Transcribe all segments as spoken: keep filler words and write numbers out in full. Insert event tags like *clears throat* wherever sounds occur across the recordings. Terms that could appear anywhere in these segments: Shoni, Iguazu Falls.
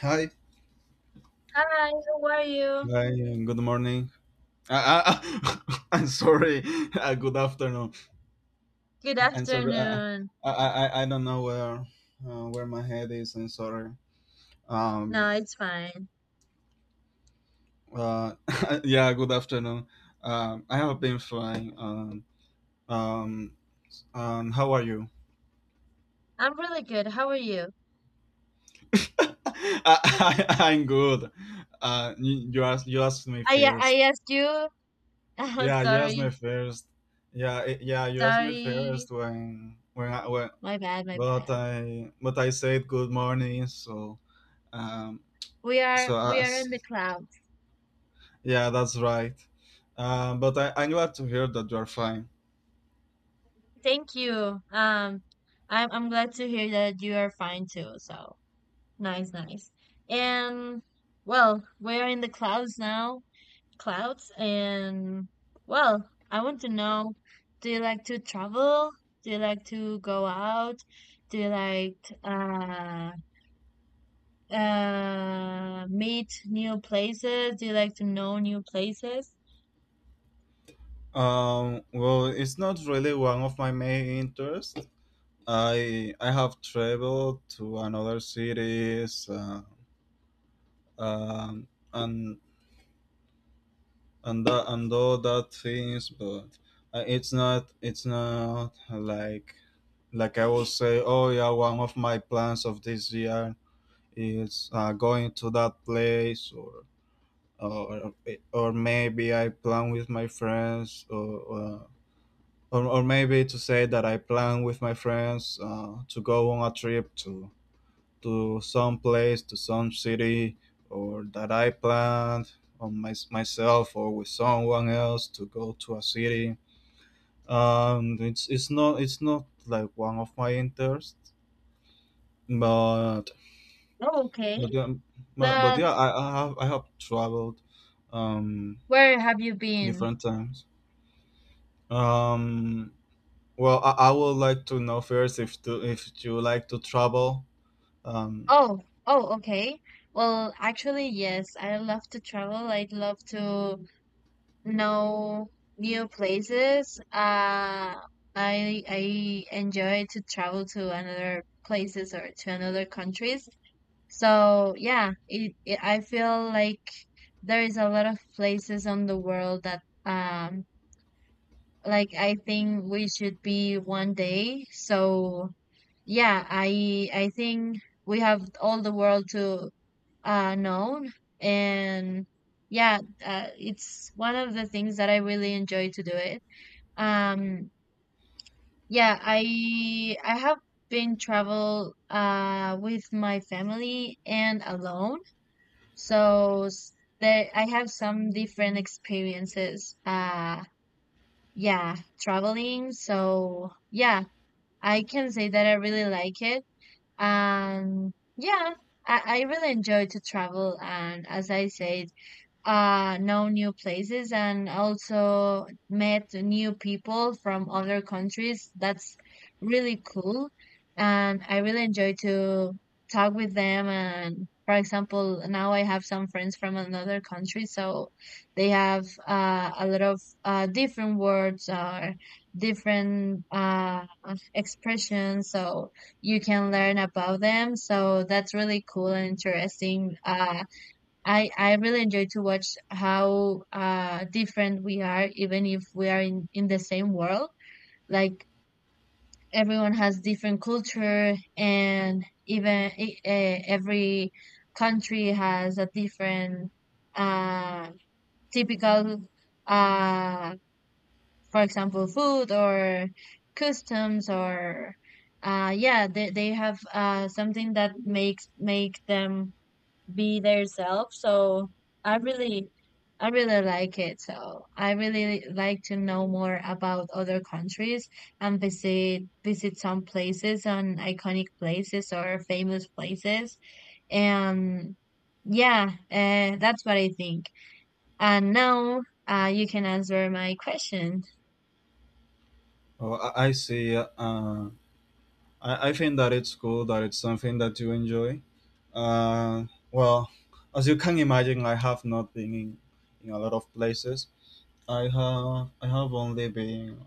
Hi. Hi, how are you? Hi, and good morning. I, I, *laughs* I'm sorry. Uh, good afternoon. Good I'm sorry. I, afternoon. I, I, I don't know where uh, where my head is. I'm sorry. No, Um. it's fine. Uh. *laughs* Yeah. Good afternoon. Um. I have been fine. Um. Um. Um how are you? I'm really good. How are you? *laughs* I, I, I'm good. Uh. You, you asked you asked me I, uh, I first. asked you. *laughs* Oh, Yeah. You asked me sorry, first. Yeah. it- Yeah. You asked me sorry. first when when I, when My bad, my but bad. I but I said good morning. So um, We are so we I, are in the clouds. yeah, that's right. Um, but I, I'm glad to hear that you're fine. Thank you. Um, I'm I'm glad to hear that you are fine too. So nice, nice. And well, we're in the clouds now. Clouds and well, I want to know, do you like to travel? Do you like to go out? Do you like t- uh uh meet new places? Do you like to know new places? Um, well, it's not really one of my main interests. I I have traveled to another cities, uh, um, and and that, and all that things, but uh, it's not it's not like like I will say, oh yeah, one of my plans of this year is uh, going to that place or or, or maybe I plan with my friends or, uh, or or maybe to say that I plan with my friends uh, to go on a trip to to some place to some city or that I planned on my, myself or with someone else to go to a city. um it's it's not it's not like one of my interests, but Oh, okay. but yeah, but, but But yeah, I, I have I have traveled um where have you been? different times. Um, well, I, I would like to know first if to if you like to travel. Um, Oh, oh, okay. Well, actually, yes, I love to travel. I love to no new places. Uh, I I enjoy to travel to another places or to another countries. So yeah, it, it I feel like there is a lot of places on the world that um like I think we should be one day. So yeah, I I think we have all the world to uh know and yeah, uh, it's one of the things that I really enjoy to do it. Um, yeah, I I have been travel uh with my family and alone. So s- there I have some different experiences. Uh, yeah, traveling. So yeah, I can say that I really like it. And yeah, I, I really enjoy to travel. And as I said, uh know new places and also met new people from other countries. That's really cool, and I really enjoy to talk with them. And for example, now I have some friends from another country, so they have uh, a lot of uh, different words or different uh, expressions, so you can learn about them. So that's really cool and interesting. uh, I I really enjoy to watch how uh different we are, even if we are in in the same world. Like, everyone has different culture, and even e- eh, every country has a different uh typical uh for example food or customs or uh yeah, they they have uh something that makes make them be their self. So I really I really like it. So I really like to know more about other countries and visit visit some places and iconic places or famous places. And yeah, uh, that's what I think. And now uh, you can answer my question. oh, I, I see. Uh, I I think that it's cool that it's something that you enjoy. Uh, well, as you can imagine, I have not been in, in a lot of places. I have I have only been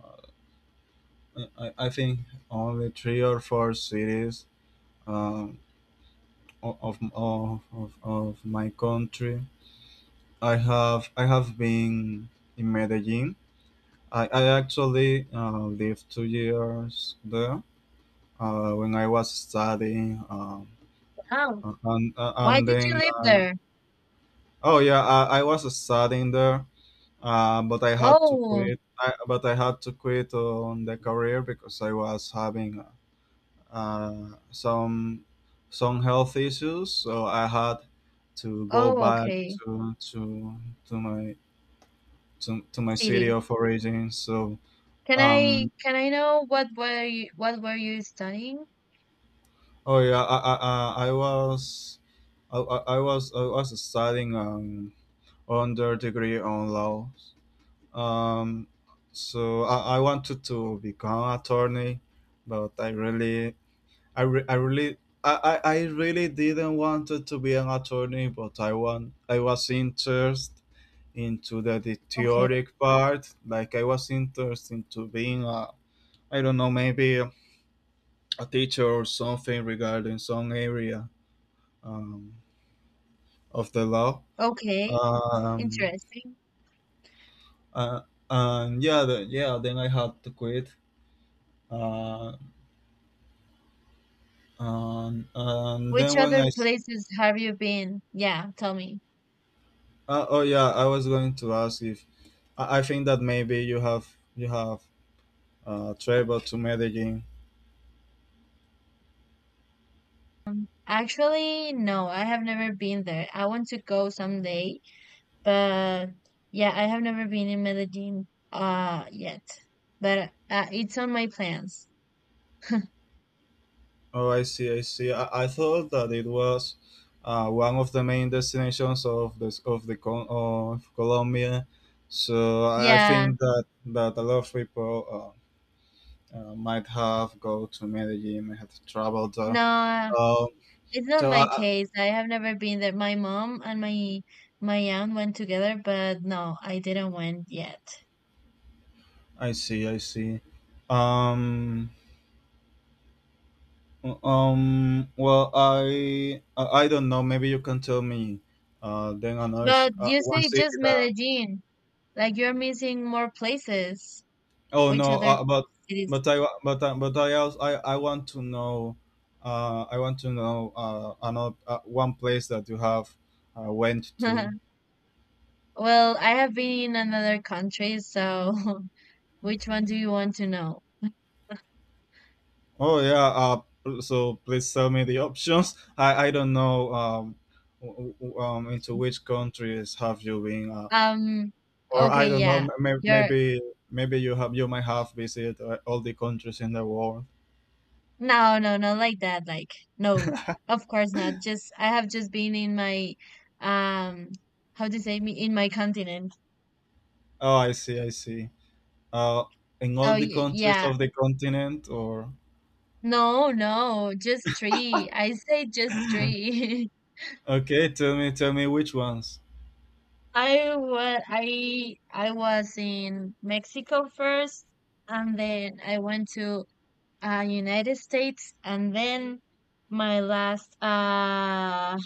uh, I, I I think only three or four cities. Um, of of, of, of my country. I have I have been in Medellin. I, I actually uh, lived two years there uh, when I was studying. Um, Oh, uh, and, uh, why and did you then, live uh, there? oh yeah, I, I was studying there, uh, but I had to Oh, quit. I, but I had to quit on the career because I was having uh, some some health issues, so I had to go oh, back okay. to to to my to, to my city City. of origin. So Can I um, can I know what were you what were you studying? oh yeah, I I, I I was I, I I was I was studying um under degree on law. Um, so I, I wanted to become attorney, but I really I, re- I really I, I, I really didn't want to be an attorney, but I want I was interested into the, the Okay, theoretic part. Like I was interested into being a, I don't know, maybe a teacher or something regarding some area um, of the law. okay, Um, interesting. uh, and yeah, the, yeah. Then I had to quit. Uh, and, and then Which when other I s- places have you been? Yeah, tell me. Uh, oh yeah, I was going to ask if I I think that maybe you have you have uh, traveled to Medellin. Actually, no, I have never been there. I want to go someday, but yeah, I have never been in Medellin uh yet. But uh, it's on my plans. Oh, I see, I see. I, I thought that it was uh, one of the main destinations of this of the Col- of Colombia. So I I Yeah, think that that a lot of people uh, uh, might have go to Medellin, might have traveled there. no, Um, it's not so my I, case. I have never been there. My mom and my my aunt went together, but no, I didn't went yet. I I see, I see. Um, Um. Well, I I I don't know. Maybe you can tell me. Uh. Then another ci- But uh, you One say city just that. Medellin. Like, you're missing more places. Oh Which no. other Uh, but cities? but I wa- but I- but I also I, I want to know. Uh. I want to know. Uh. Another uh, one place that you have uh, went to. *laughs* Well, I have been in another country, so *laughs* which one do you want to know? Oh yeah. Uh. pl- So please tell me the *laughs* options. I I don't know. Um. w- w- Um. Into which countries have you been? uh, Um, Or I okay, don't know, yeah. may- You're maybe maybe you have, you might have visited uh, all the countries in the world. no, no, no, like that. Like, no, of course not. Just I have just been in my um, how to say me in my continent. Oh, I see, I see. Uh, in all So the y- countries yeah, of the continent, or no, no, just three. I say just *clears throat* *laughs* three. *laughs* okay, tell me, tell me which ones. I was I I was in Mexico first, and then I went to uh, United States, and then my last uh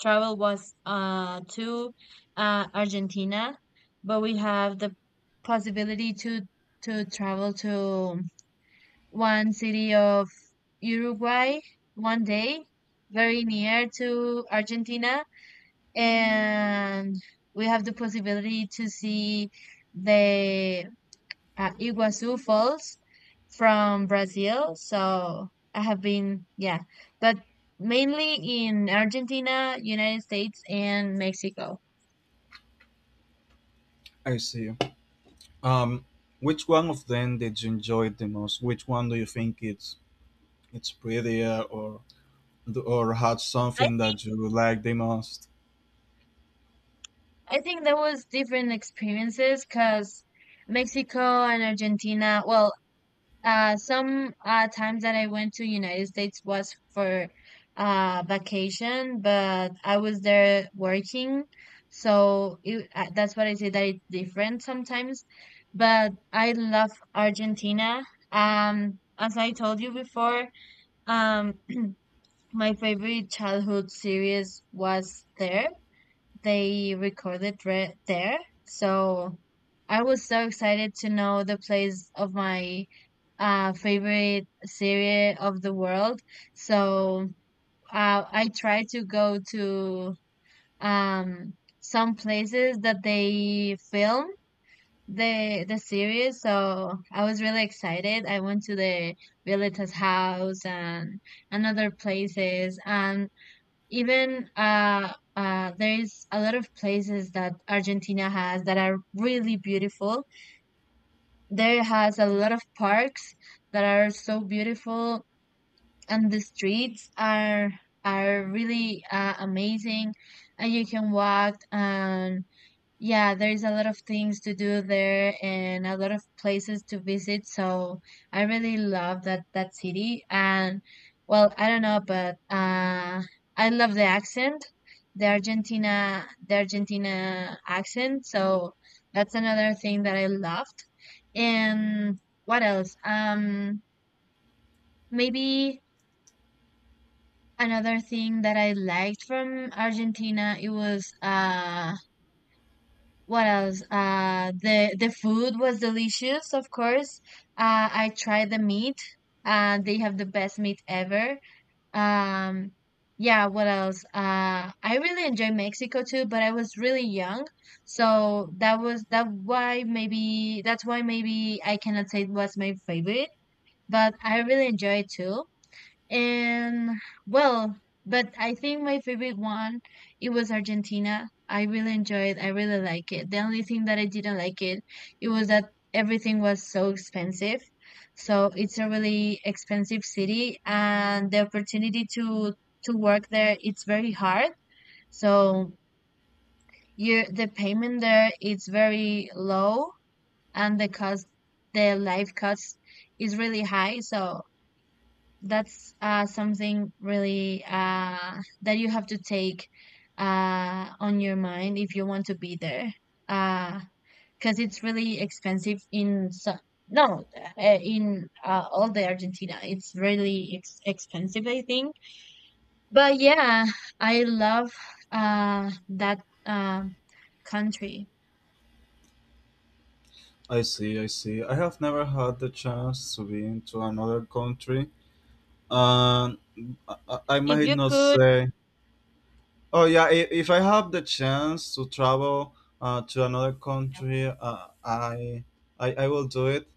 travel was uh to uh Argentina, but we have the possibility to to travel to one city of Uruguay one day, very near to Argentina, and we have the possibility to see the uh, Iguazu Falls from Brazil. So I have been, yeah, but mainly in Argentina, United States, and Mexico. I see. Um, which one of them did you enjoy the most? Which one do you think it's it's prettier or or had I something think that you like the most? I think there was different experiences because Mexico and Argentina. Well, Uh, some uh, times that I went to United States was for uh, vacation, but I was there working, so it, uh, that's what I say, that it's different sometimes. But I love Argentina. Um, as I told you before, um, my favorite childhood series was there. They recorded re- there. So I was so excited to know the place of my uh, favorite city of the world. So uh, I tried to go to um, some places that they film the the series. So I was really excited. I went to the Violeta's house and and other places, and even uh, uh, there's a lot of places that Argentina has that are really beautiful. There has a lot of parks that are so beautiful, and the streets are are really uh, amazing, and you can walk and yeah, there's a lot of things to do there and a lot of places to visit. So I really love that that city. And well, I don't know, but uh, I love the accent, the Argentina, the Argentina accent. So that's another thing that I loved. And what else? Um, maybe another thing that I liked from Argentina, it was uh what else? Uh, the the food was delicious, of course. Uh, I tried the meat. Uh, they have the best meat ever. Um, yeah, what else? Uh, I really enjoy Mexico too, but I was really young, so that was that why maybe that's why maybe I cannot say it was my favorite, but I really enjoy it too. And well, but I think my favorite one, it was Argentina. I really enjoyed. I really like it. The only thing that I didn't like it, it was that everything was so expensive. So it's a really expensive city, and the opportunity to to work there it's very hard. So you the payment there it's very low, and the cost, the life cost is really high. So that's uh, something really uh, that you have to take uh, on your mind if you want to be there because it's really expensive in so- no uh, in uh, all the Argentina. It's really ex- expensive, I think. But yeah, I love uh, that um country. I see, I see. I have never had the chance to be into another country. Um, I, I If might you not could say. Oh yeah, if, if I have the chance to travel uh, to another country, uh, I, I I will do it.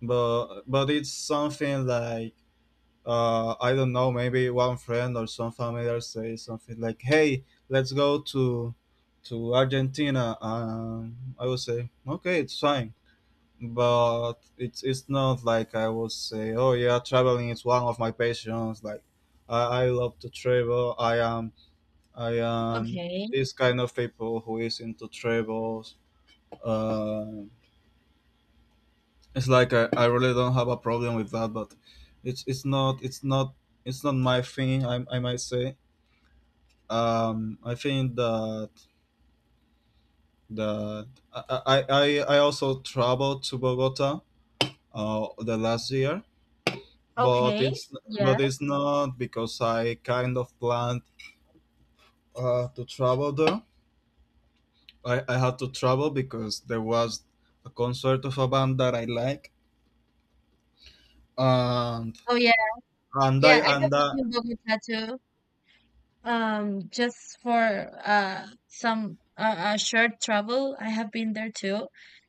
But but it's something like uh, I don't know. Maybe one friend or some familiar say something like, "Hey, let's go to to Argentina." Um, I will say, "Okay, it's fine." but it's it's not like I would say, oh yeah, traveling is one of my passions. Like I, I love to travel. I am I am okay, this kind of people who is into travels. Uh, it's like I, I really don't have a problem with that, but it's it's not it's not it's not my thing. I I might say. Um, I think that that I I I I also traveled to Bogota uh the last year, but okay, it's but it's yes. not because I kind of planned uh, to travel there. I, I had to travel because there was a concert of a band that I like, and Oh yeah, and yeah, I I have and I, been in Bogota too. Um, just for uh some uh, uh short travel, I have been there too.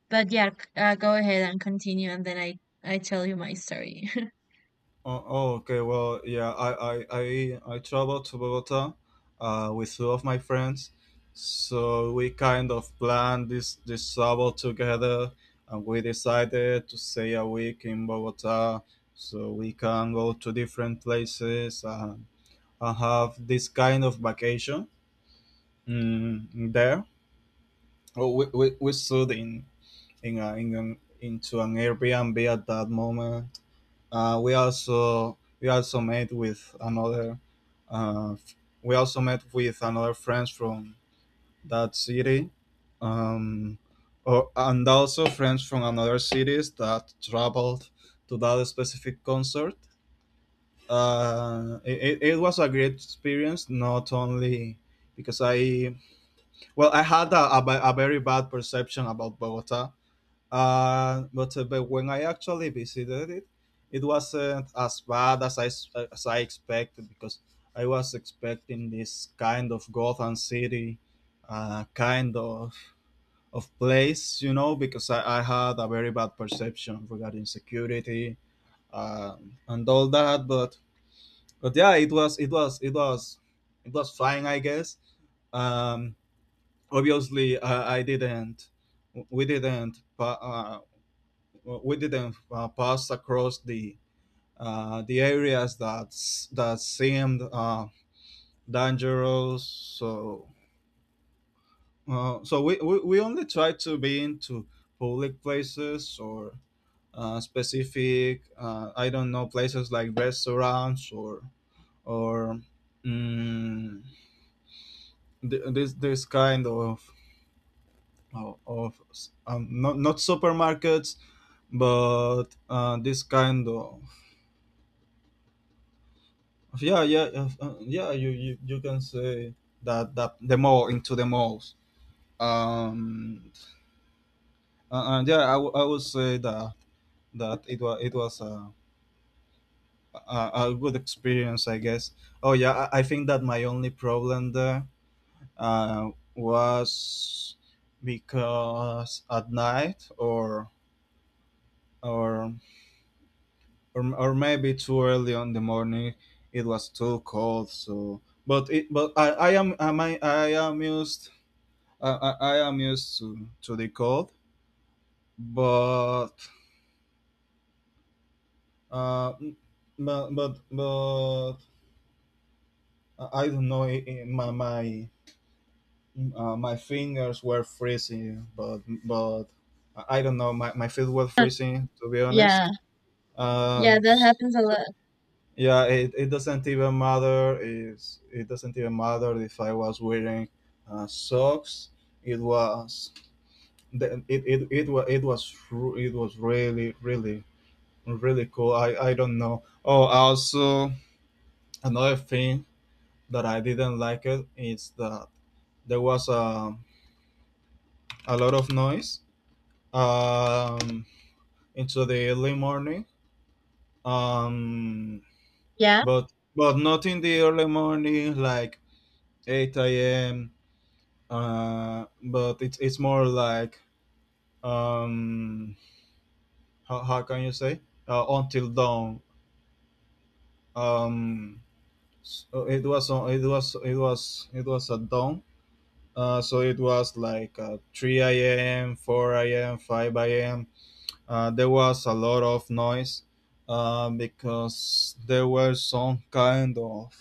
But yeah, c- uh, go ahead and continue, and then I I tell you my story. *laughs* Oh, oh, okay. Well, yeah, I, I, I, I traveled to Bogota uh, with two of my friends, so we kind of planned this this travel together, and we decided to stay a week in Bogota, so we can go to different places and, and have this kind of vacation mm, there. Oh, we, we, we stood in in, a, in an, into an Airbnb at that moment. uh, we also we also met with another uh, f- we also met with another friends from that city, um, or, and also friends from another cities that traveled to that specific concert. Uh, it, it it was a great experience, not only because I, well, I had a, a, ba- a very bad perception about Bogota, uh, but, uh, but when I actually visited it, it wasn't as bad as I, s- as I expected, because I was expecting this kind of Gotham City, uh, kind of of place, you know, because I, I had a very bad perception regarding security um, and all that. But but yeah, it was it was it was it was fine, I guess. Um, Obviously, I, I didn't we didn't pa- uh, well, we didn't uh, pass across the uh, the areas that that seemed uh, dangerous. So uh, so we, we, we only tried to be into public places or uh, specific, uh, I don't know, places like restaurants or or mm, th- this this kind of of, of, um, not not supermarkets, but uh, this kind of, yeah, yeah, yeah, uh, yeah, you, you you can say that that the mall, into the malls. um uh, and yeah, I, w- I would say that that it was it was a, a a good experience, I guess. Oh yeah, i, I think that my only problem there uh, was because at night, or or or, or maybe too early on the morning, it was too cold. So but it but I I am am I I am used I, I, I am used to, to the cold, but uh, but but but I don't know. I- i- My my uh, my fingers were freezing, but but I don't know. My, my feet were freezing, to be Yeah, honest. yeah, Um, that s- happens a lot. yeah, it, it doesn't even matter. Is It doesn't even matter if I was wearing uh, socks. It was the- it it it was it was ru- it was really, really, really cool. I, I don't know. Oh, also another thing that I didn't like it is that there was a, a lot of noise um, into the early morning. Um, Yeah, but but not in the early morning like eight a m. Uh, but it's it's more like, um, how, how can you say, uh, until dawn. Um, so it was on- it was it was it was at dawn. Uh, so it was like uh, three a m, four a m, five a m. Uh, there was a lot of noise uh, because there were some kind of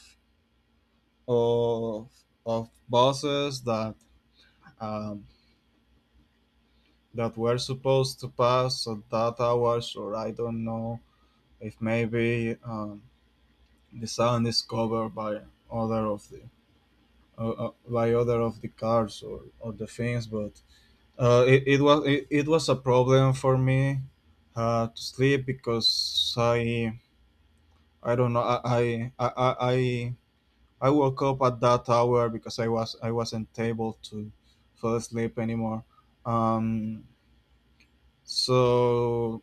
of, of buses that, um, that were supposed to pass at that hours, or I don't know if maybe, um, the sound is covered by other of the, uh, uh, by other of the cars, or, or the things, but Uh, it, it was it, it was a problem for me uh, to sleep because I I don't know, I I, I I I woke up at that hour because I was I wasn't able to fall asleep anymore. Um, so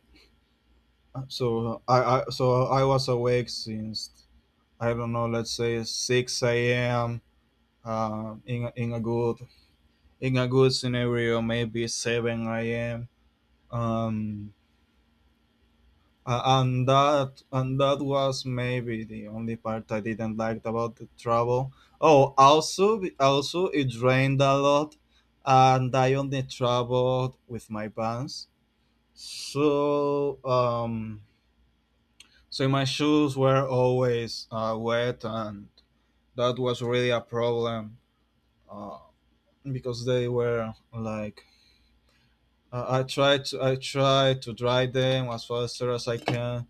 so I, I so I was awake since, I don't know, let's say six a.m. Uh, in a- in a good in a good scenario, maybe seven a.m. Um, Uh, and that and that was maybe the only part I didn't like about the travel. Oh, also also it rained a lot, and I only traveled with my pants. So um, so my shoes were always uh, wet, and that was really a problem. Uh, because they were like, uh, I tried to I tried to dry them as faster as I can,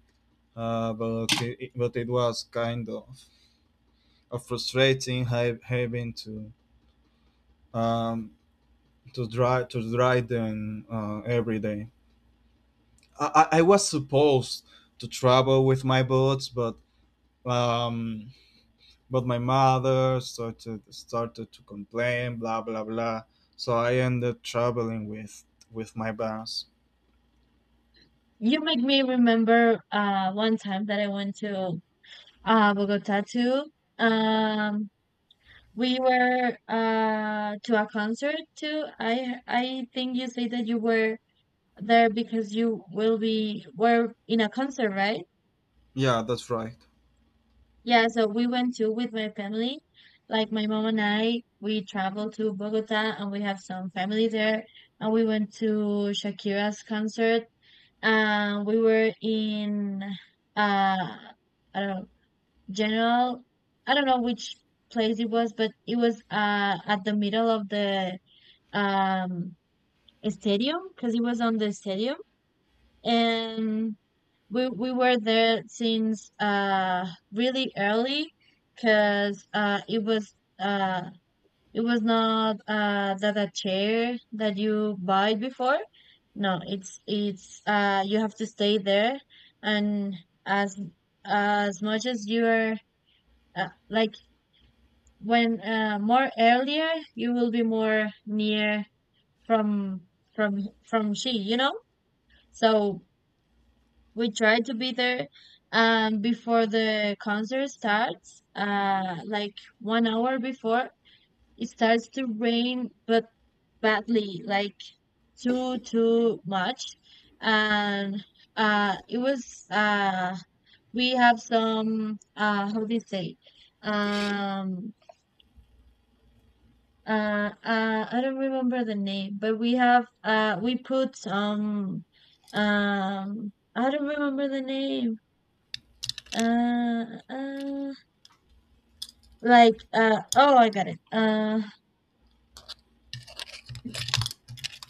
uh, but okay, it, but it was kind of, of frustrating, ha- having to um, to drive to drive them uh, every day. I, I I was supposed to travel with my boots, but um, but my mother started started to complain, blah blah blah. So I ended traveling with with my bus. you make me remember uh one time that I went to uh Bogota too. Um, we were uh to a concert too. I I think you say that you were there because you will be were in a concert, right? Yeah, that's right. Yeah, so we went too with my family. Like, my mom and I, we traveled to Bogota, and we have some family there. And we went to Shakira's concert. And we were in uh I don't know, general. I don't know which place it was, but it was uh at the middle of the um stadium, because it was on the stadium. And we we were there since uh really early because uh it was uh it was not uh that a chair that you buy before. No, it's it's uh you have to stay there, and as as much as you're uh, like, when uh more earlier, you will be more near from from from she, you know. So we try to be there um before the concert starts uh like one hour before. It starts to rain, but badly, like too too much. And uh it was uh we have some uh how do you say um uh, uh I don't remember the name, but we have uh we put some um I don't remember the name, uh, uh like, uh, oh, I got it. Uh,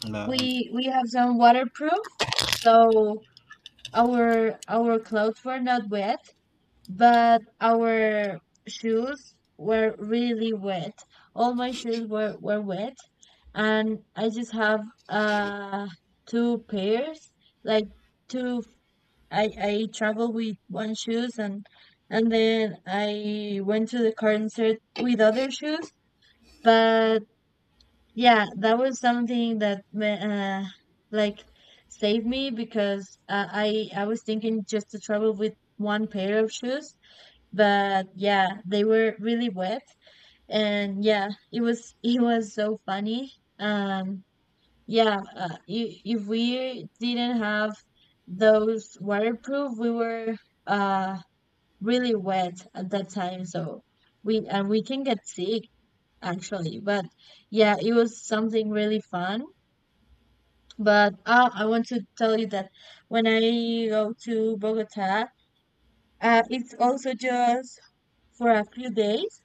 Like. we we have some waterproof, so our our clothes were not wet, but our shoes were really wet. All my shoes were were wet, and I just have uh two pairs, like two. I I travel with one shoes, and and then I went to the concert with other shoes, but yeah, that was something that ma- uh, like, saved me because uh, I I was thinking just to travel with one pair of shoes, but yeah, they were really wet, and yeah, it was *laughs* it was so funny. Um, yeah, uh, if, if we didn't have those waterproof, we were uh really wet at that time, so we and we can get sick actually, but yeah, it was something really fun. But uh, I want to tell you that when I go to Bogota, uh, it's also just for a few days,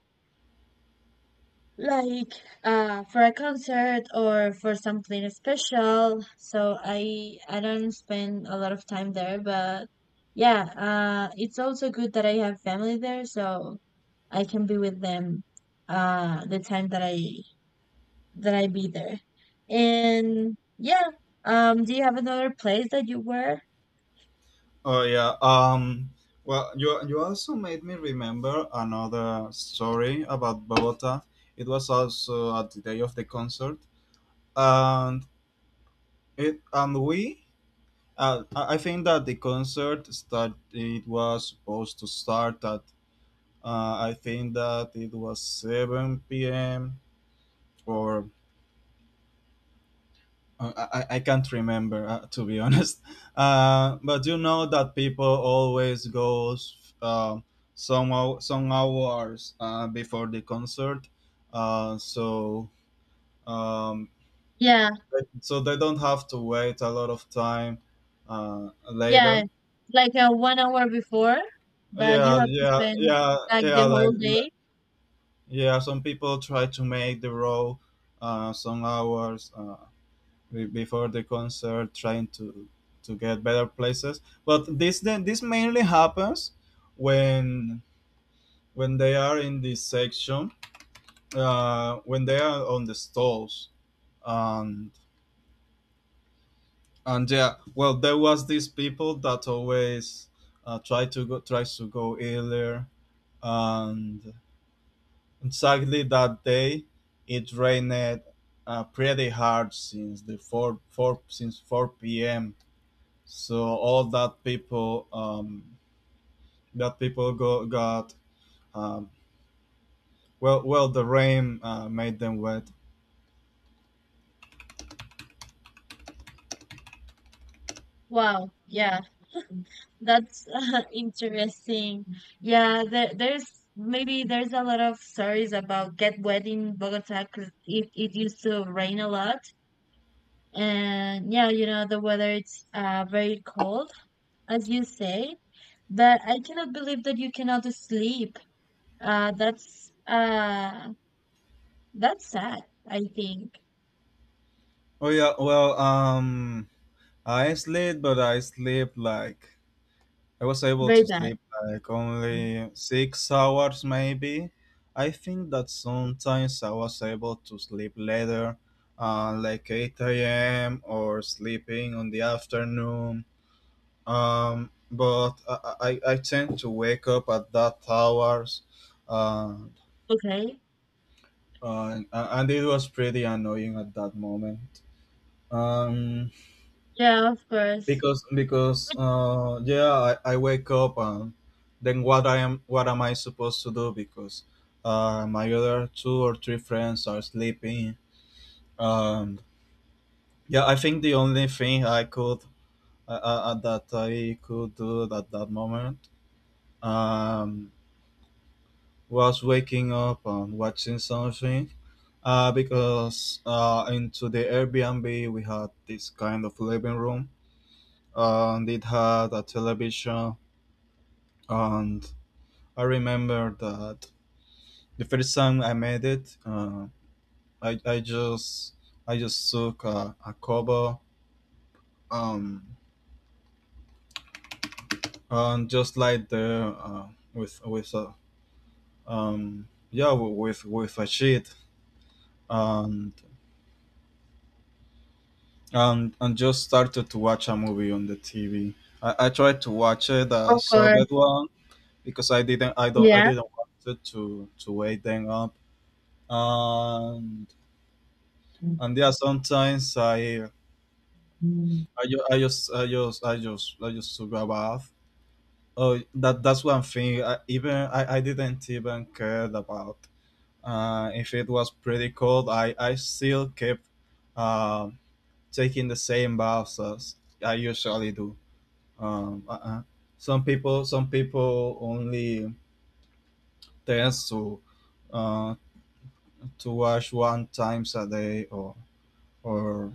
like, uh, for a concert or for something special. So I I don't spend a lot of time there, but yeah, uh, it's also good that I have family there, so I can be with them uh, the time that I that I be there. And yeah, um, do you have another place that you were? Oh yeah. Um. Well, you you also made me remember another story about Bogota. It was also at the day of the concert, and it and we. Uh, I I think that the concert start. It was supposed to start at. Uh, I think that it was seven p m or. Uh, I, I can't remember, uh, to be honest. *laughs* Uh, but you know that people always goes, uh, some hou- some hours uh, before the concert, uh, so um, Yeah. so they don't have to wait a lot of time, uh, Yeah, later. like a one hour before, but you Yeah, have to yeah, spend yeah, like yeah. the Like, whole l- day. yeah, some people try to make the row, uh, some hours. Uh, be- before the concert, trying to to get better places, but this then this mainly happens when when they are in this section, uh, when they are on the stalls, and and yeah, well, there was these people that always uh, try to go tries to go earlier, and exactly that day it rained, uh, pretty hard since the 4 4 since four p.m. So all that people um, that people go, got, um, well well the rain uh, made them wet. Wow, yeah, that's *laughs* uh, interesting. Yeah, there, there's maybe there's a lot of stories about get wet in Bogota, because it, it used to rain a lot, and yeah, you know the weather it's uh very cold, as you say. But I cannot believe that you cannot sleep. Uh, that's uh that's sad. I think Oh yeah, well um I sleep, but I sleep like I was able very to bad. sleep like only six hours maybe. I think that sometimes I was able to sleep later, uh, like eight a m, or sleeping on the afternoon, um, but I, I, I tend to wake up at that hours, and, Okay. and and it was pretty annoying at that moment. Um, Yeah, of course. because because uh, yeah, I, I wake up, and then what I am what am I supposed to do? Because, uh, my other two or three friends are sleeping. Um, yeah, I think the only thing I could uh, uh, that I could do at that moment, um was waking up and watching something, uh, because, uh, into the Airbnb we had this kind of living room, and it had a television. And I remember that the first time I made it, uh, I, I just I just took a, a cover, um, and just like there, uh, with with a um, yeah with with a sheet, and and and just started to watch a movie on the T V. I, I tried to watch it the Of subbed course. one, because I didn't I don't I Yeah. didn't want it to to wake them up. And and yeah, sometimes I I, ju- I just I just I just I just took a bath. Oh, that that's one thing. I, even I, I didn't even care about, uh, if it was pretty cold. I I still kept, uh, taking the same baths as I usually do. Um uh-uh. some people some people only tends to uh to wash one times a day, or or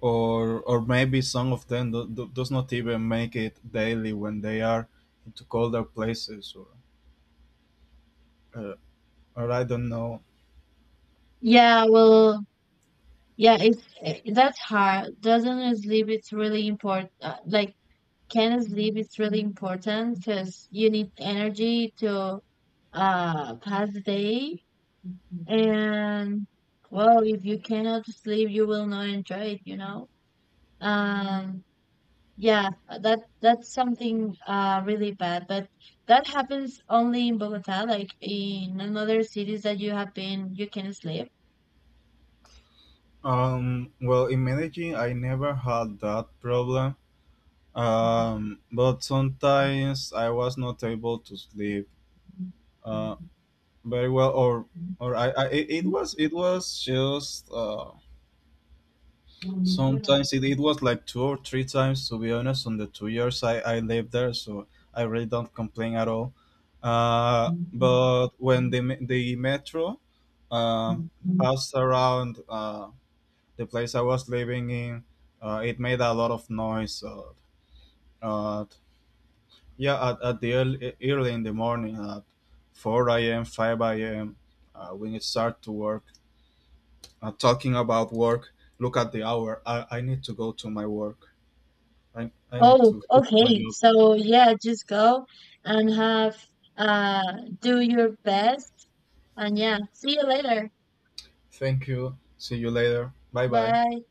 or or maybe some of them do, do, does not even make it daily when they are into colder places, or, uh, or I don't know. Yeah, well, yeah, it's eh, that's hard. Doesn't sleep it's really important. Uh, like, can sleep it's really important because you need energy to uh pass the day. And well, if you cannot sleep, you will not enjoy it, you know. Um, Yeah, uh, that that's something uh really bad, but that happens only in Bogota. Like, in another cities that you have been, you can sleep. Um well, in Medellin I never had that problem. Um but sometimes I was not able to sleep uh very well, or or I, I it it was, it was just uh sometimes it, it was like two or three times, to be honest, on the two years I, I lived there, so I really don't complain at all. Uh but when the me- the metro, uh passed around, uh the place I was living in, uh it made a lot of noise, so, uh yeah, at, at the early, early in the morning, at four a.m., five a.m., uh, when it start to work. Uh, talking about work, look at the hour, i, I need to go to my work, I, I need Oh, to go to my okay. job. So yeah, just go and have uh do your best, and yeah, see you later. Thank you, see you later, bye bye. Bye.